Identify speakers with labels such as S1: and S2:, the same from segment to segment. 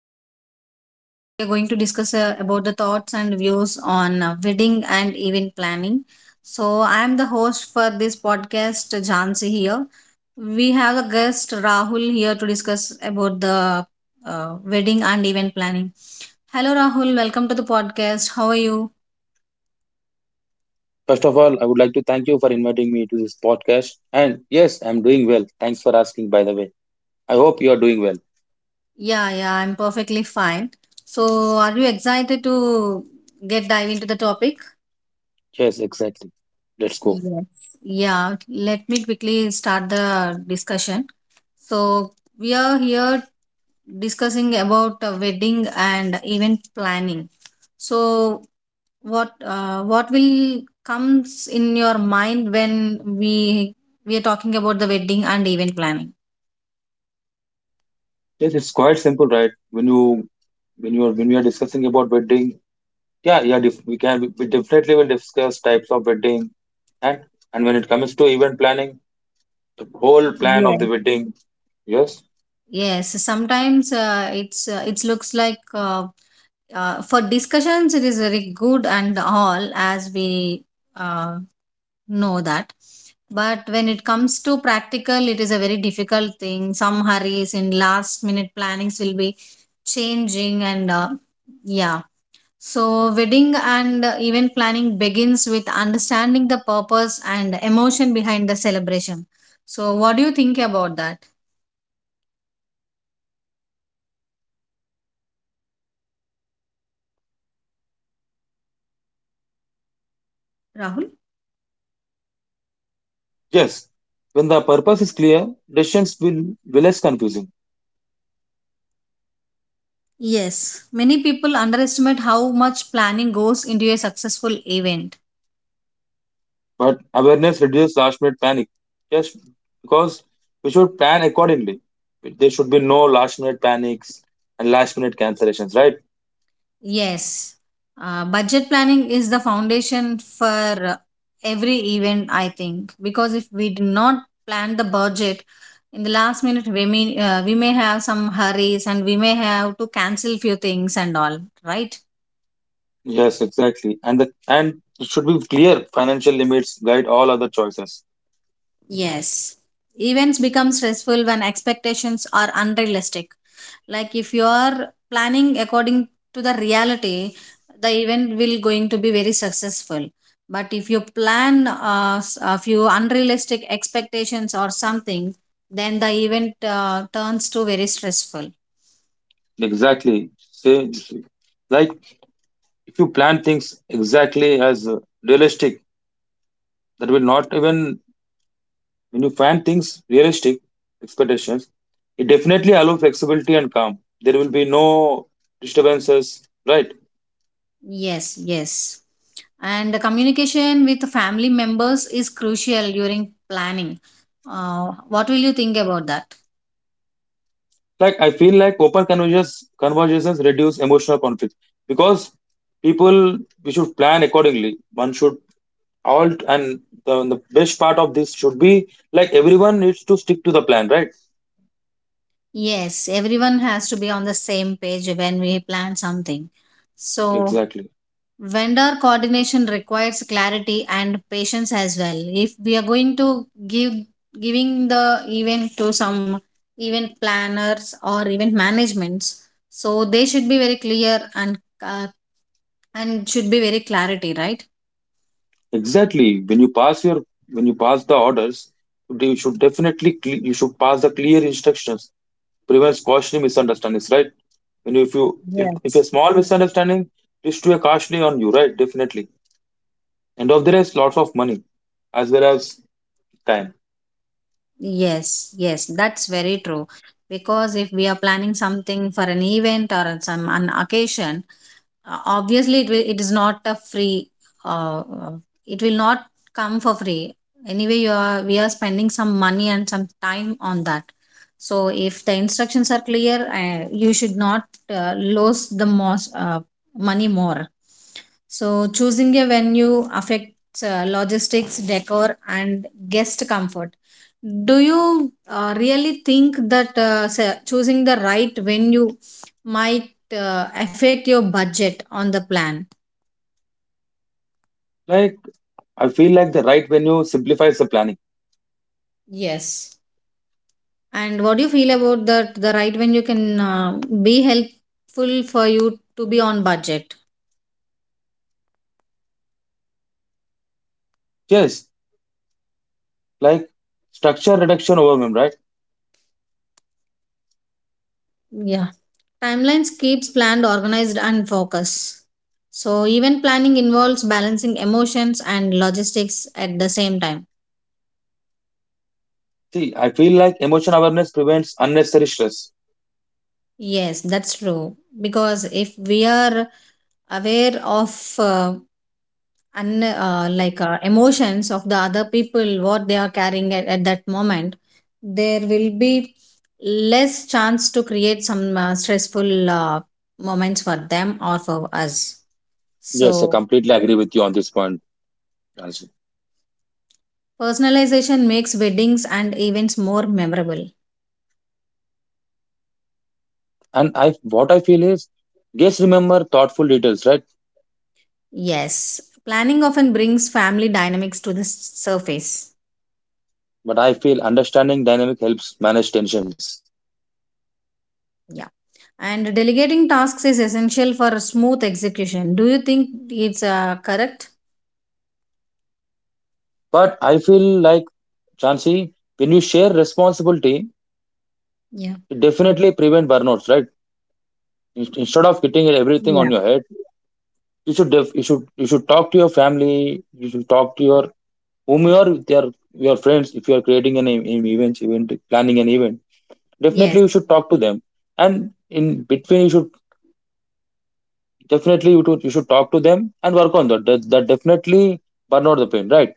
S1: podcast. Today we are going to discuss about the thoughts and views on wedding and event planning. So I am the host for this podcast, Jansi here. We have a guest Rahul here to discuss about the wedding and event planning. Hello Rahul, welcome to the podcast. How are you?
S2: First of all, I would like to thank you for inviting me to this podcast. And yes, I'm doing well. Thanks for asking, by the way. I hope you're doing well.
S1: Yeah, yeah, I'm perfectly fine. So are you excited to get dive into the topic?
S2: Yes, exactly. Let's go.
S1: Yes. Yeah. Let me quickly start the discussion. So we are here discussing about wedding and event planning. So what will comes in your mind when we are talking about the wedding and event planning?
S2: Yes, it's quite simple, right? When we are discussing about wedding, yeah, yeah, def- we can we definitely will discuss types of wedding, and and when it comes to event planning, the whole plan of
S1: Yes.
S2: the wedding. Yes,
S1: Yes. Sometimes it looks like for discussions it is very good and all as we uh, know that, but when it comes to practical it is a very difficult thing. Some hurries in last minute plannings will be changing, and yeah, so wedding and event planning begins with understanding the purpose and emotion behind the celebration. So what do you think about that, Rahul?
S2: yes. When the purpose is clear, decisions will be less confusing.
S1: Yes, many people underestimate how much planning goes into a successful event.
S2: But awareness reduces last minute panic. Yes, because we should plan accordingly. There should be no last minute panics and last minute cancellations, right?
S1: Yes, budget planning is the foundation for every event, I think, because if we do not plan the budget in the last minute, we may have some hurries and we may have to cancel few things and all, right?
S2: Yes, exactly. And it should be clear. Financial limits guide all other choices.
S1: Yes. Events become stressful when expectations are unrealistic. Like if you are planning according to the reality, the event will going to be very successful, but if you plan a few unrealistic expectations or something, then the event turns to very stressful.
S2: Exactly. Say, like, if you plan things exactly as realistic, that will not even when you plan things realistic expectations, it definitely allow flexibility and calm. There will be no disturbances, right?
S1: Yes, yes, and the communication with family members is crucial during planning. What will you think about that?
S2: Like, I feel like open conversations reduce emotional conflict, because people we should plan accordingly. One should all, and the best part of this should be like everyone needs to stick to the plan, right?
S1: Yes, everyone has to be on the same page when we plan something. So
S2: Exactly.
S1: vendor coordination requires clarity and patience as well. If we are going to give giving the event to some event planners or event managements, so they should be very clear and and should be very clarity, right?
S2: Exactly. When you pass the orders, you should definitely cle- you should pass the clear instructions, prevents costly misunderstandings, right? And if you if a
S1: Yes.
S2: small misunderstanding leads to a costly on you, right? Definitely, end of the day it's lots of money as well as time.
S1: Yes, yes, that's very true. Because if we are planning something for an event or on some an occasion, obviously it will, it is not a free. Uh, uh, it will not come for free. Anyway, you are we are spending some money and some time on that. So if the instructions are clear, you should not lose the most money more. So choosing a venue affects logistics, decor, and guest comfort. Do you really think that choosing the right venue might affect your budget on the plan?
S2: Like, I feel like the right venue simplifies the planning.
S1: Yes. And what do you feel about that, the right venue can be helpful for you to be on budget?
S2: Yes, like structure reduction overwhelm, right?
S1: Yeah, timelines keeps planned organized and focus. So event planning involves balancing emotions and logistics at the same time.
S2: See, I feel like emotion awareness prevents unnecessary stress.
S1: Yes, that's true, because if we are aware of uh, and emotions of the other people, what they are carrying at that moment, there will be less chance to create some stressful moments for them or for us.
S2: Yes, I
S1: So
S2: completely agree with you on this point, Ranjit.
S1: personalization makes weddings and events more memorable.
S2: And I What I feel is guests remember thoughtful details, right?
S1: Yes, planning often brings family dynamics to the surface.
S2: But I feel understanding dynamic helps manage tensions.
S1: Yeah, and delegating tasks is essential for smooth execution. Do you think it's correct?
S2: But I feel like, Chansi, when you share responsibility,
S1: Yeah.
S2: it definitely prevent burnouts, right? Instead of getting everything
S1: Yeah.
S2: on your head, you should you should talk to your family, you should talk to your, whom you are with, your friends. If you are creating an, e- an event event planning an event,
S1: Yes.
S2: definitely you should talk to them. And in between, you should definitely you should talk to them and work on that, definitely burn out the pain, right?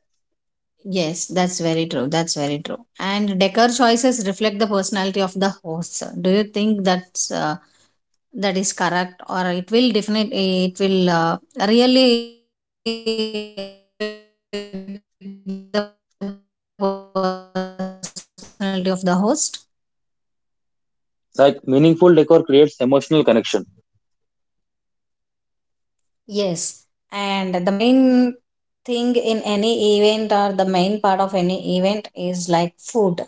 S1: Yes, that's very true. That's very true. And decor choices reflect the personality of the host, sir. Do you think that's that is correct, or it will definitely, it will really affect the personality of the host?
S2: Like, meaningful decor creates emotional connection.
S1: Yes, and the main thing in any event or the main part of any event is like food.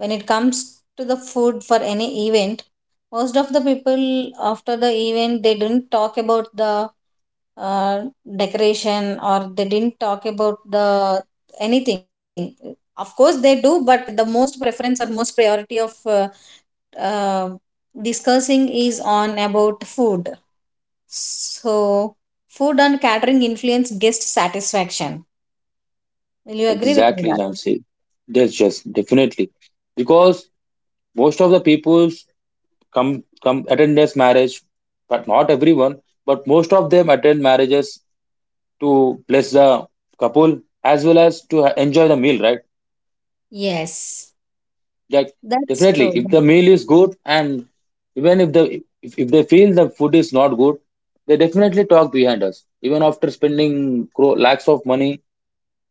S1: When it comes to the food for any event, most of the people, after the event, they didn't talk about the uh, decoration, or they didn't talk about the anything. Of course they do, but the most preference or most priority of uh, uh, discussing is on about food. So food and catering influence guest satisfaction. Will you agree with me
S2: Exactly,
S1: that?
S2: Jansi. That's just definitely, because most of the peoples come come attend this marriage. But not everyone, but most of them attend marriages to bless the couple as well as to enjoy the meal, right?
S1: Yes,
S2: Like,
S1: that's
S2: definitely
S1: true.
S2: if the meal is good, and even if they feel the food is not good, they definitely talk behind us. Even after spending lakhs of money,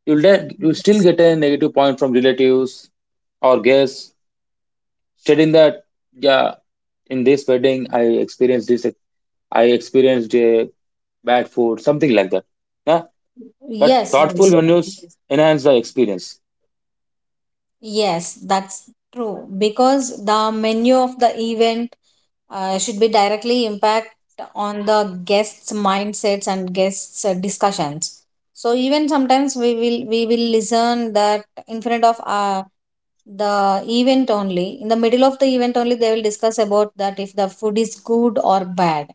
S2: you still get a negative point from relatives or guests, stating that yeah, in this wedding I experienced i experienced uh, bad food, something like that. Yeah, but
S1: Yes,
S2: thoughtful
S1: yes.
S2: menus enhance the experience.
S1: Yes, that's true, because the menu of the event should be directly impact on the guests' mindsets and guests' discussions. So even sometimes we will listen that in front of the event only, in the middle of the event only, they will discuss about that if the food is good or bad.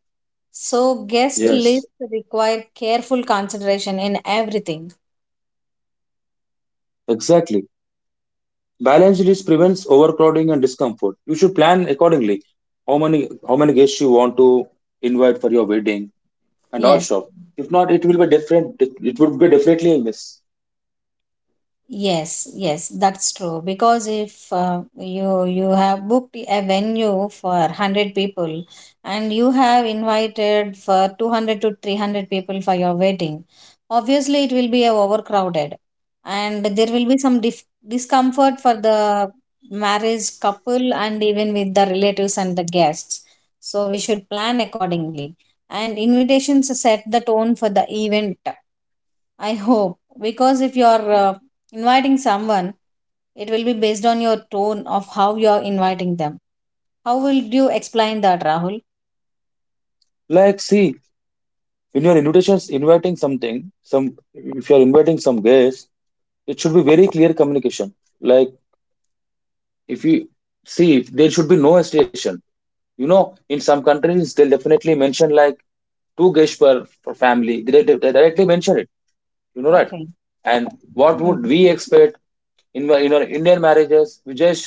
S1: So guest
S2: Yes.
S1: lists require careful consideration in everything.
S2: Exactly. Balanced list prevents overcrowding and discomfort. You should plan accordingly how many how many guests you want to invite for your wedding and all
S1: Yes.
S2: stuff. If not, it will be different, it would be definitely a mess.
S1: Yes, yes, that's true. Because if you have booked a venue for 100 people, and you have invited for 200 to 300 people for your wedding, obviously it will be a overcrowded, and there will be some discomfort for the marriage couple and even with the relatives and the guests. So we should plan accordingly, and invitations set the tone for the event, I hope, because if you're inviting someone, it will be based on your tone of how you're inviting them. How will you explain that, Rahul?
S2: Like, see, in your invitations inviting something, some, if you are inviting some guest, it should be very clear communication. Like, if you see, there should be no station, you know, in some countries they'll definitely mention like two guests per family. They directly mention it, you know that.
S1: Okay.
S2: And what
S1: Mm.
S2: would we expect? In our Indian marriages, we just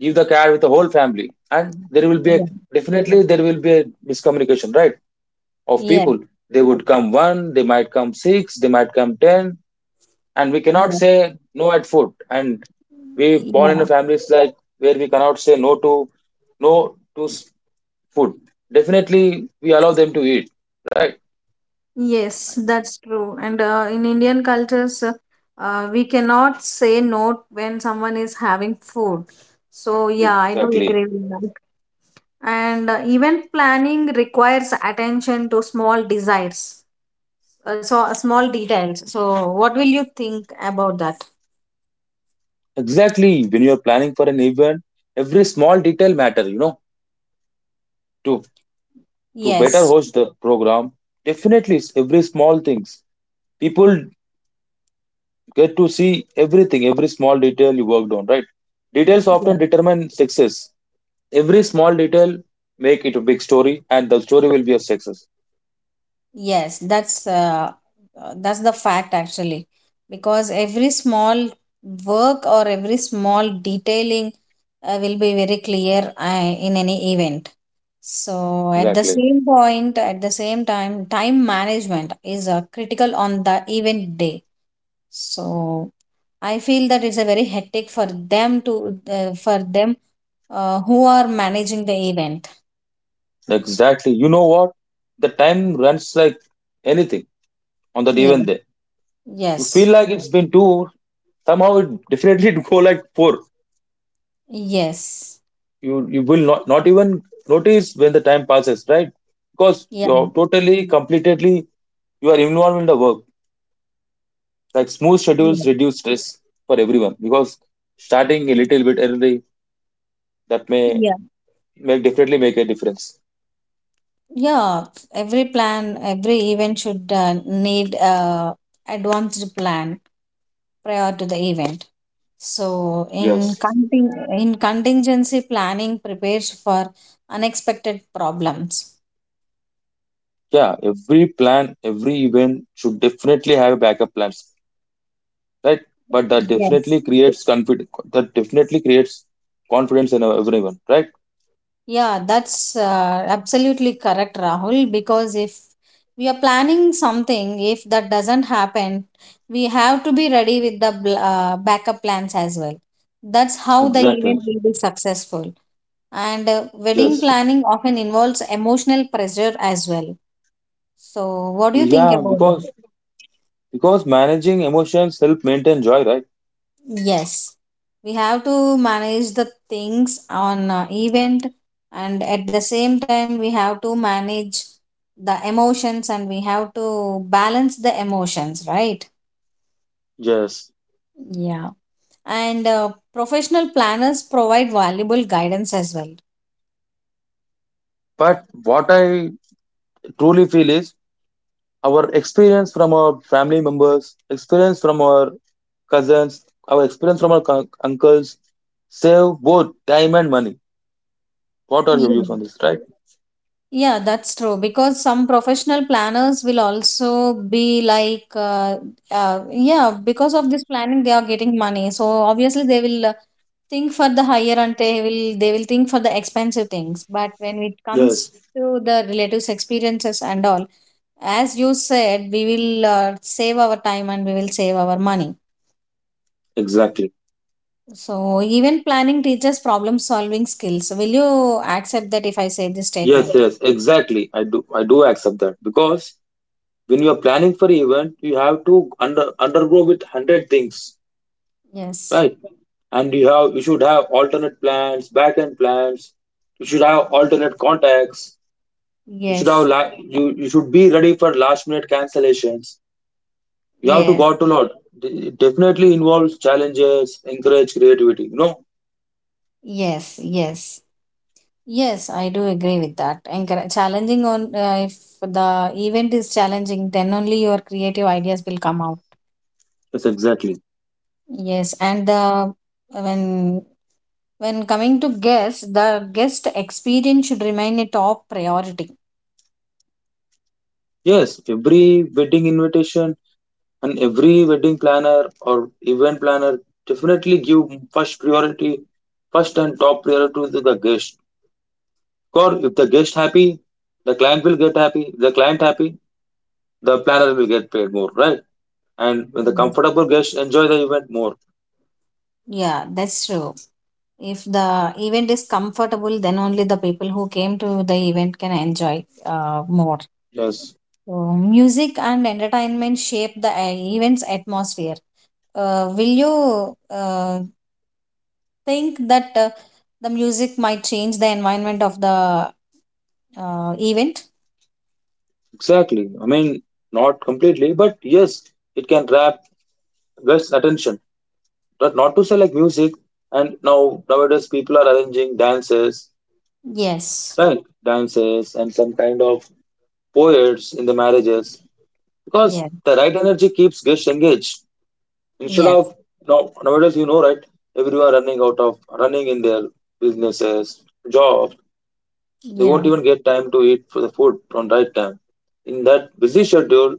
S2: give the card with the whole family, and there will be a,
S1: Yeah.
S2: definitely there will be a miscommunication, right, of
S1: Yes.
S2: people. They would come one, they might come six, they might come ten, and we cannot
S1: Yes.
S2: say no at foot. And we born in a
S1: Yeah.
S2: families like where we cannot say no to food. Definitely, we allow them to eat, right?
S1: Yes, that's true. And in Indian cultures, we cannot say no when someone is having food. So, yeah, I do
S2: Exactly,
S1: agree with that. And event planning requires attention to small desires, so small details. So what will you think about that?
S2: exactly. When you are planning for an event, every small detail matter. You know, to to better
S1: Yes.
S2: host the program, definitely every small things. People get to see everything, every small detail you worked on, right? Details
S1: Yeah.
S2: often determine success. Every small detail make it a big story, and the story will be a success.
S1: Yes, that's the fact actually, because every small work or every small detailing will be very clear in any event. So at the
S2: Exactly.
S1: same point, at the same time, time management is critical on the event day. So I feel that it's a very hectic for them to for them who are managing the event.
S2: Exactly. You know what? The time runs like anything on that
S1: Yeah.
S2: event day. You feel
S1: Yes.
S2: like it's been two, somehow it definitely go like four.
S1: Yes.
S2: You will not even notice when the time passes, right? Because
S1: Yeah.
S2: you're totally, completely you are involved in the work. Like, smooth schedules
S1: Yeah.
S2: reduce stress for everyone, because starting a little bit early, that may
S1: Yeah.
S2: make definitely make a difference.
S1: Yeah. Every plan, every event should need a advanced plan prior to the event. So in
S2: Yes.
S1: contingency planning prepares for unexpected problems.
S2: Yeah, every plan, every event should definitely have backup plans, right? But that
S1: Yes.
S2: definitely creates that definitely creates confidence in everyone, right?
S1: Yeah, that's absolutely correct, Rahul. Because if we are planning something, if that doesn't happen, we have to be ready with the backup plans as well. That's how the
S2: Exactly.
S1: event will be successful. And wedding
S2: Just
S1: planning often involves emotional pressure as well. So, what do you think
S2: Yeah,
S1: about it?
S2: because managing emotions help maintain joy, right?
S1: Yes, we have to manage the things on event, and at the same time, we have to manage the emotions, and we have to balance the emotions, right?
S2: Yes.
S1: Yeah. And professional planners provide valuable guidance as
S2: But what I truly feel is, our experience from our family members, experience from our cousins, our experience from our uncles save both time and money. What are your
S1: well.
S2: views on this, right?
S1: Yeah, that's true. Because some professional planners will also be like, yeah, because of this planning, they are getting money. So obviously, they will think for the higher, and they will think for the expensive things. But when it comes
S2: Yes,
S1: to the relatives' experiences and all, as you said, we will save our time, and we will save our money.
S2: exactly.
S1: So even planning teaches problem solving skills. Will you accept that if I say this
S2: Yes,
S1: statement?
S2: yes, exactly. I do accept that, because when you are planning for event, you have to undergo with hundred things,
S1: Yes.
S2: right? And you should have alternate plans, back end plans. You should have alternate contacts. You should have,
S1: Yes.
S2: la- you should be ready for last minute cancellations. You have to
S1: Yes.
S2: got to know it definitely involves challenges encourage creativity. No.
S1: Yes, yes, yes, I do agree with that. And challenging on, if the event is challenging, then only your creative ideas will come out.
S2: Yes, exactly.
S1: Yes, and the when when coming to guests, the guest experience should remain a top priority.
S2: Yes, every wedding invitation and every wedding planner or event planner definitely give first priority, first and top priority, to the guest. Or if the guest happy, the client will get happy. If the client happy, the planner will get paid more, right? And when the
S1: Yes.
S2: comfortable guest enjoy the event more.
S1: Yeah, that's true. If the event is comfortable, then only the people who came to the event can enjoy more.
S2: Yes,
S1: So music and entertainment shape the event's atmosphere. Will you think that the music might change the environment of the event?
S2: exactly, I mean, not completely, but yes, it can wrap less attention. But not to say like music, and now nowadays people are arranging dances,
S1: Yes,
S2: right? Dances and some kind of poets in the marriages, because
S1: yeah,
S2: the right energy keeps guests engaged. Instead
S1: yes.
S2: of, now nowadays, you know, right? Everyone running out of running in their businesses, jobs, they won't
S1: Yeah.
S2: even get time to eat for the food on right time. In that busy schedule,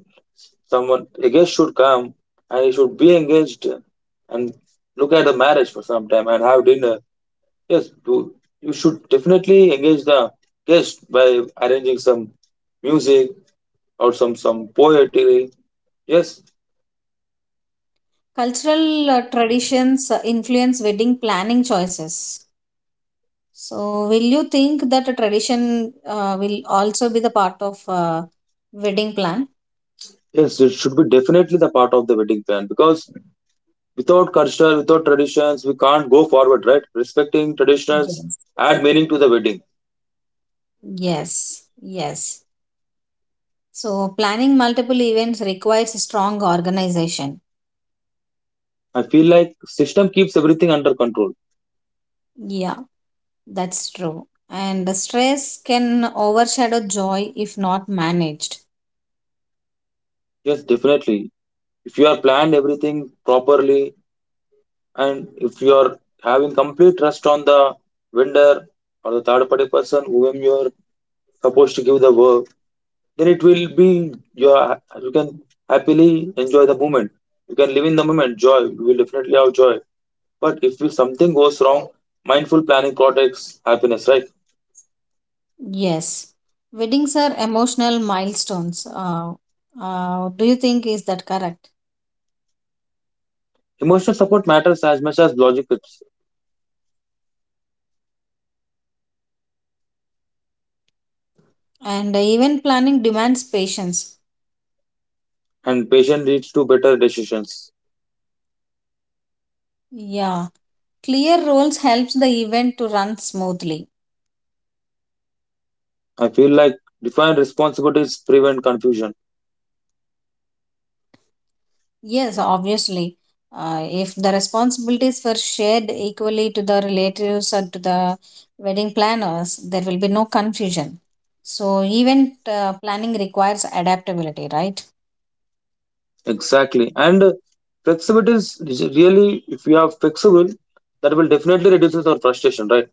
S2: someone a guest should come and he should be engaged and look at the marriage for some time and have dinner. Yes, do, you should definitely engage the guest by arranging some music or some poetry. Yes,
S1: Cultural traditions influence wedding planning choices. So, will you think that a tradition will also be the part of wedding plan?
S2: yes, it should be definitely the part of the wedding plan, because without culture, without traditions, we can't go forward, right? Respecting traditions
S1: Yes,
S2: add meaning to the wedding.
S1: yes, yes. So, planning multiple events requires strong organization.
S2: I feel like system keeps everything under control.
S1: Yeah. That's true. And the stress can overshadow joy if not managed.
S2: Yes, definitely. If you are planned everything properly, and if you are having complete trust on the vendor or the third party person whom you are supposed to give the work, then it will be your, you can happily enjoy the moment. You can live in the moment, joy. You will definitely have joy. But if you- something goes wrong, mindful planning protects happiness, right?
S1: Yes. Weddings are emotional milestones. Do you think is that correct?
S2: Emotional support matters as much as logic tips,
S1: And the event planning demands patience.
S2: and patient leads to better decisions.
S1: Yeah. Clear roles helps the event to run smoothly.
S2: I feel like defined responsibilities prevent confusion.
S1: Yes, obviously. If the responsibilities were shared equally to the relatives or to the wedding planners, there will be no confusion. So, event planning requires adaptability, right?
S2: Exactly. And flexibility is really, if you are flexible, that will definitely reduces our frustration, right?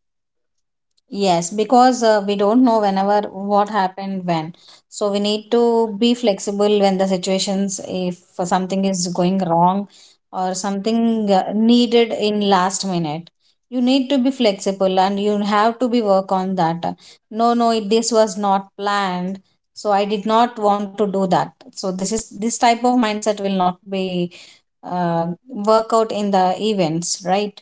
S1: Yes, because we don't know whenever what happened when. So we need to be flexible when the situations, if something is going wrong or something needed in last minute. You need to be flexible and you have to be work on that. No, no, it, this was not planned. So I did not want to do that. So this type of mindset will not be work out in the events, right?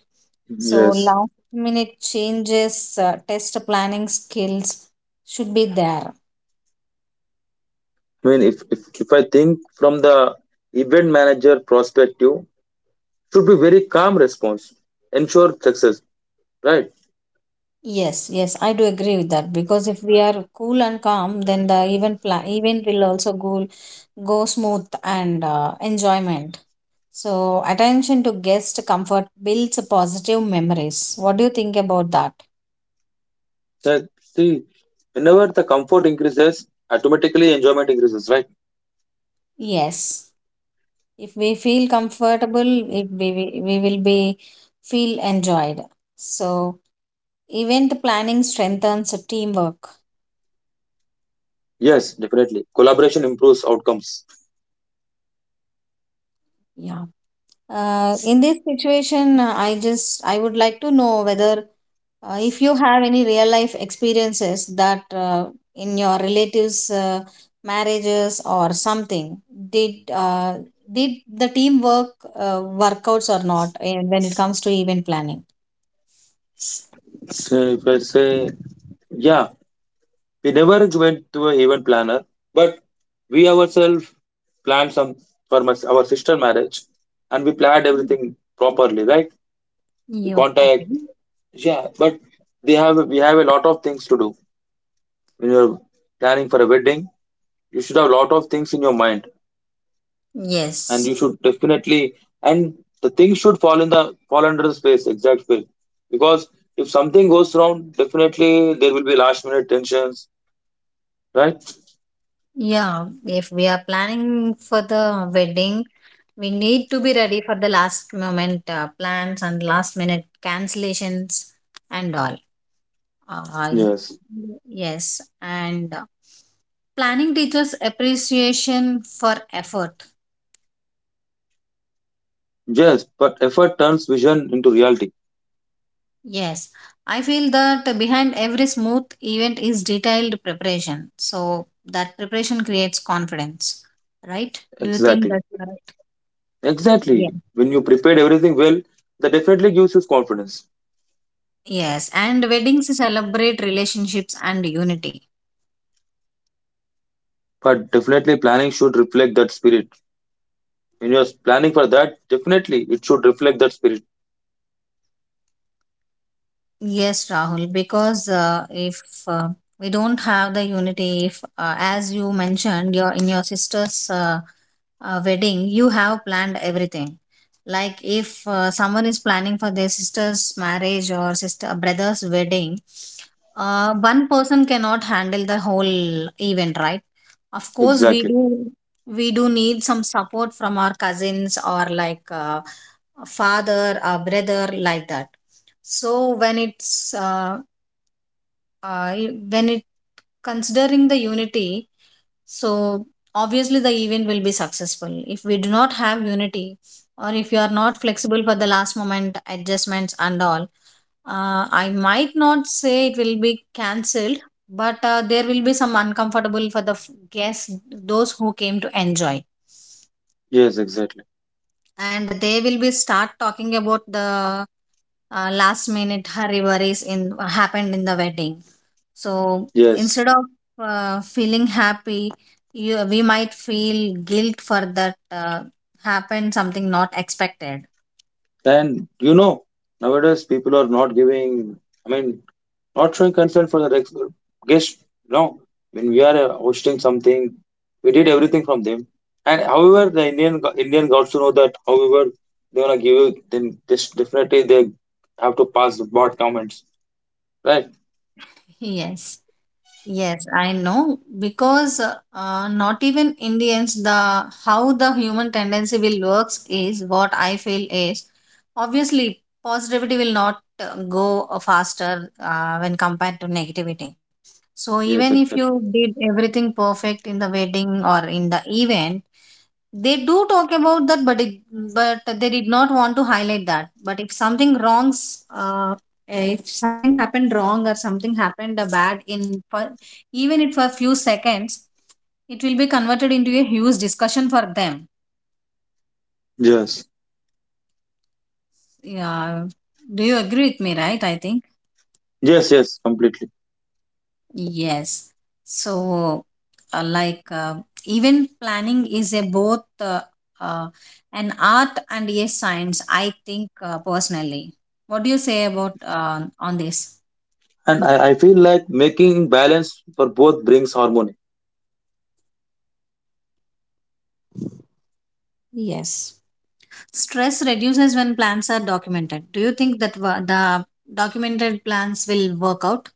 S1: So
S2: Yes.
S1: last minute changes, test planning skills should be there.
S2: I mean, if I think from the event manager perspective, should be very calm response, ensure success, right?
S1: Yes, yes, I do agree with that because if we are cool and calm, then the event will also go smooth and enjoyment. So attention to guest comfort builds positive memories. What do you think about that?
S2: That, see, whenever the comfort increases, automatically enjoyment increases, right?
S1: Yes, if we feel comfortable, we will be feel enjoyed. So event planning strengthens teamwork.
S2: Yes, definitely. Collaboration improves outcomes.
S1: Yeah. In this situation, I would like to know whether if you have any real life experiences that in your relatives' marriages or something, did uh, did the teamwork workouts or not when it comes to event planning?
S2: Say, if I say, yeah, we never went to an event planner, but we ourselves planned some for my, our sister marriage, and we planned everything properly, right? We
S1: You okay?
S2: contact, yeah. But they have, we have a lot of things to do when you're planning for a wedding. You should have a lot of things in your mind, and you
S1: Yes.
S2: should definitely, and the things should fall in the fall under the space exact space, because if something goes wrong, definitely there will be last minute tensions, right?
S1: Yeah, if we are planning for the wedding, we need to be ready for the last moment plans and last minute cancellations and all. Uh,
S2: Yes.
S1: yes, and planning teachers appreciation for effort.
S2: Yes, but effort turns vision into reality.
S1: Yes, I feel that behind every smooth event is detailed preparation, so that preparation creates confidence, right? Do you think
S2: Exactly.
S1: that's correct? Yeah.
S2: Exactly. When you prepared everything well, that definitely gives you confidence.
S1: Yes, and weddings celebrate relationships and unity.
S2: But definitely, planning should reflect that spirit. When you're planning for that, definitely it should reflect that spirit.
S1: Yes, Rahul, because if we don't have the unity, if as you mentioned, your in your sister's wedding, you have planned everything. Like if someone is planning for their sister's marriage or sister brother's wedding, one person cannot handle the whole event, right? Of course, we
S2: Exactly.
S1: do we do need some support from our cousins or like a father, a brother, like that. So when it's when it considering the unity, so obviously the event will be successful if we do not have unity, or if you are not flexible for the last moment adjustments and all. I might not say it will be cancelled, but there will be some uncomfortable for the guests, those who came to enjoy,
S2: Yes, exactly.
S1: and they will be start talking about the last minute hurry worries in happened in the wedding. So
S2: Yes.
S1: instead of feeling happy, we might feel guilt for that happened something not expected.
S2: And you know, nowadays people are not giving, I mean, not showing concern for the guest. No, when we are hosting something, we did everything from them. And however, the Indian got to know that. However, they wanna give you, then this definitely they have to pass the bot comments, right?
S1: Yes. Yes, I know because not even Indians, the how the human tendency will works is what I feel is obviously positivity will not go faster when compared to negativity. So
S2: Yes,
S1: even if
S2: exactly.
S1: you did everything perfect in the wedding or in the event, they do talk about that, but it but they did not want to highlight that. But if something wrongs, if something happened wrong or something happened bad in even if for a few seconds, it will be converted into a huge discussion for them.
S2: Yes,
S1: Yeah, do you agree with me, right? I think.
S2: yes, yes, completely.
S1: Yes. So uh, like uh, even planning is a both uh, an art and a science, I think, personally. What do you say about on this?
S2: And I feel like making balance for both brings harmony.
S1: Yes. Stress reduces when plans are documented. Do you think that the documented plans will work out?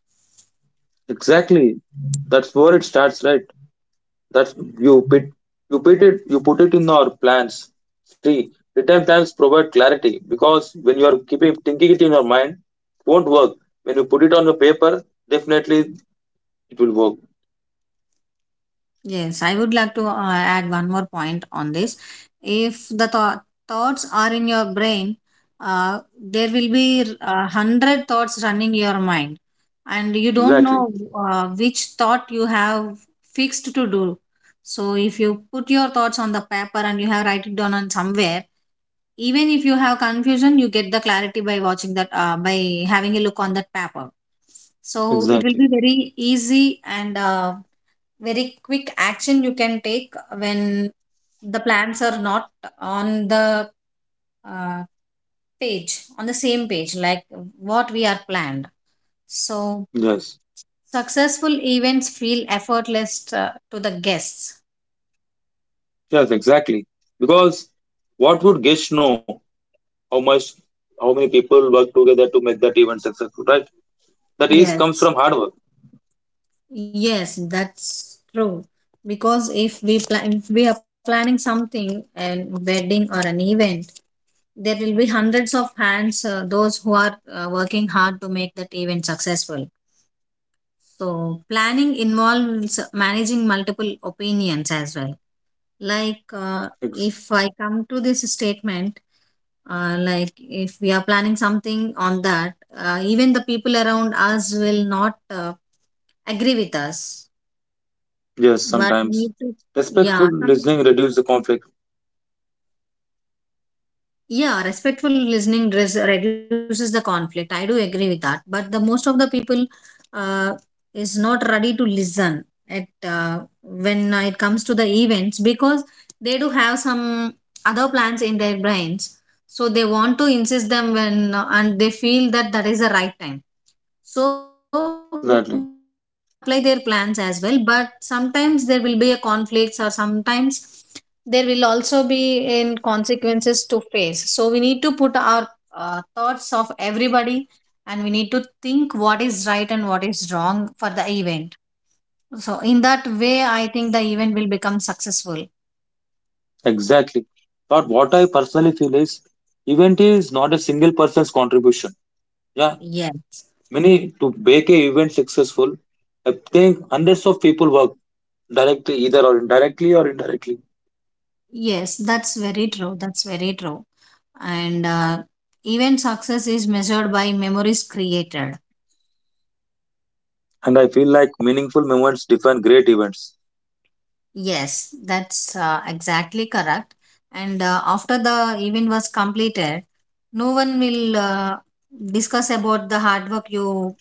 S2: Exactly, that's where it starts, right? That's, you put it in our plans. See, return plans provide clarity, because when you are keeping thinking it in your mind, it won't work. When you put it on the paper, definitely it will work.
S1: Yes, I would like to add one more point on this. If the thoughts are in your brain, there will be hundred thoughts running your mind, and you don't
S2: Exactly.
S1: know which thought you have fixed to do. So if you put your thoughts on the paper and you have write it down on somewhere, even if you have confusion, you get the clarity by watching that, by having a look on that paper. So it will be
S2: Exactly.
S1: very easy and. Very quick action you can take when the plans are not on the uh, page, on the same page, like what we are planned. So
S2: Yes.
S1: successful events feel effortless to the guests.
S2: Yes, exactly. Because what would Gish know how much how many people work together to make that event successful, right? That is comes from
S1: Yes.
S2: hard work.
S1: Yes, that's true. Because if we plan, if we are planning something, a wedding or an event, there will be hundreds of hands, those who are working hard to make that event successful. So, planning involves managing multiple opinions as well. Like,
S2: Ex-
S1: if I come to this statement, like if we are planning something on that, even the people around us will not agree with us.
S2: Yes,
S1: But we
S2: sometimes.
S1: need to,
S2: Respectful
S1: yeah, some.
S2: listening reduces the conflict.
S1: Yeah, respectful listening reduces the conflict. I do agree with that. But the most of the people uh, is not ready to listen at when it comes to the events because they do have some other plans in their brains. So they want to insist them when and they feel that that is the right time, so, but
S2: Exactly.
S1: yes, we can apply their plans as well, but sometimes there will be a conflicts, or sometimes there will also be in consequences to face. So we need to put our thoughts of everybody, and we need to think what is right and what is wrong for the event. So in that way, I think the event will become successful.
S2: Exactly. But what I personally feel is, event is not a single person's contribution. Yeah.
S1: Yeah.
S2: Many to make a event successful, I think hundreds of people work directly, either or indirectly.
S1: Yes, that's very true. That's very true. And event success is measured by memories created.
S2: And I feel like meaningful moments define great events.
S1: Yes, that's exactly correct. And after the event was completed, no one will discuss about the hard work you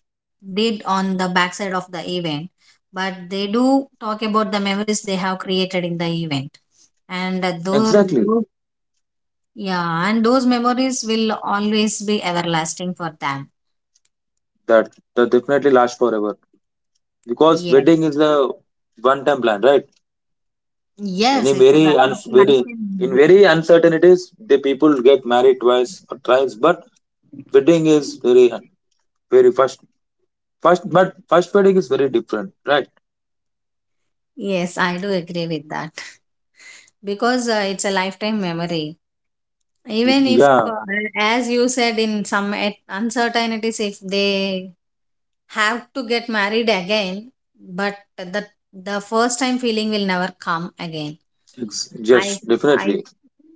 S1: did on the backside of the event, but they do talk about the memories they have created in the event. And
S2: Exactly.
S1: those, yeah, and those memories will always be everlasting for them.
S2: That that definitely lasts forever. Because
S1: Yeah.
S2: wedding is the one time plan, right?
S1: Yes,
S2: Any very uns
S1: it's a lifetime
S2: very in
S1: memory.
S2: very uncertainties, the people get married twice or thrice, but wedding is very very first Fast. But fast batting is very different, right?
S1: Yes, I do agree with that because it's a lifetime memory. Even if,
S2: Yeah,
S1: as you said, in some at uncertainties, if they have to get married again, but the first time feeling will never come again.
S2: yes,
S1: I I
S2: definitely.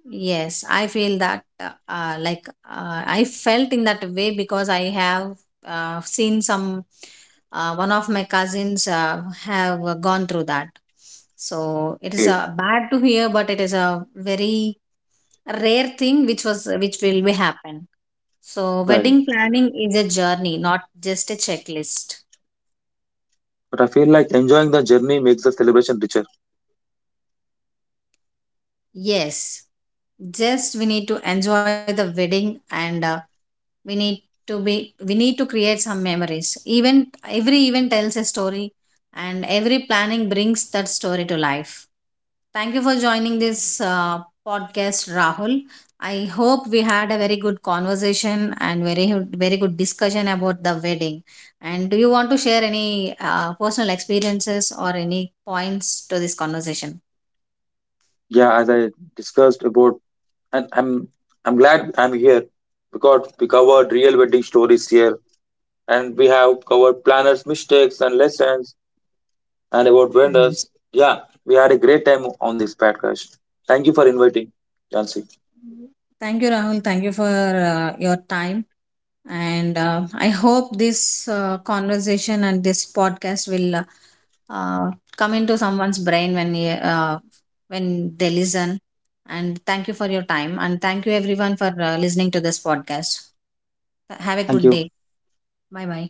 S1: yes, I feel that like I felt in that way because I have seen some one of my cousins have gone through that. So it is
S2: Okay.
S1: bad to hear, but it is a very rare thing which was which will be happen. So
S2: Yeah,
S1: wedding
S2: definitely.
S1: planning is a journey, not just a checklist.
S2: But I feel like enjoying the journey makes the celebration richer.
S1: Yes, just we need to enjoy the wedding and. We need to be, we need to create some memories, even every event tells a story, and every planning brings that story to life. Thank you for joining this uh, podcast, Rahul. I hope we had a very good conversation and very good discussion about the wedding. And do you want to share any personal experiences or any points to this conversation?
S2: Yeah, as I discussed about, and I'm glad I'm here, because we covered real wedding stories here, and we have covered planners' mistakes and lessons, and about
S1: Yes.
S2: vendors. Yeah, we had a great time on this podcast. Thank you for inviting, Jansi.
S1: Thank you, Rahul. Thank you for your time, and I hope this conversation and this podcast will uh, come into someone's brain when when they listen. And thank you for your time, and thank you everyone for listening to this podcast. Have a
S2: Thank
S1: good
S2: you.
S1: day. Bye bye.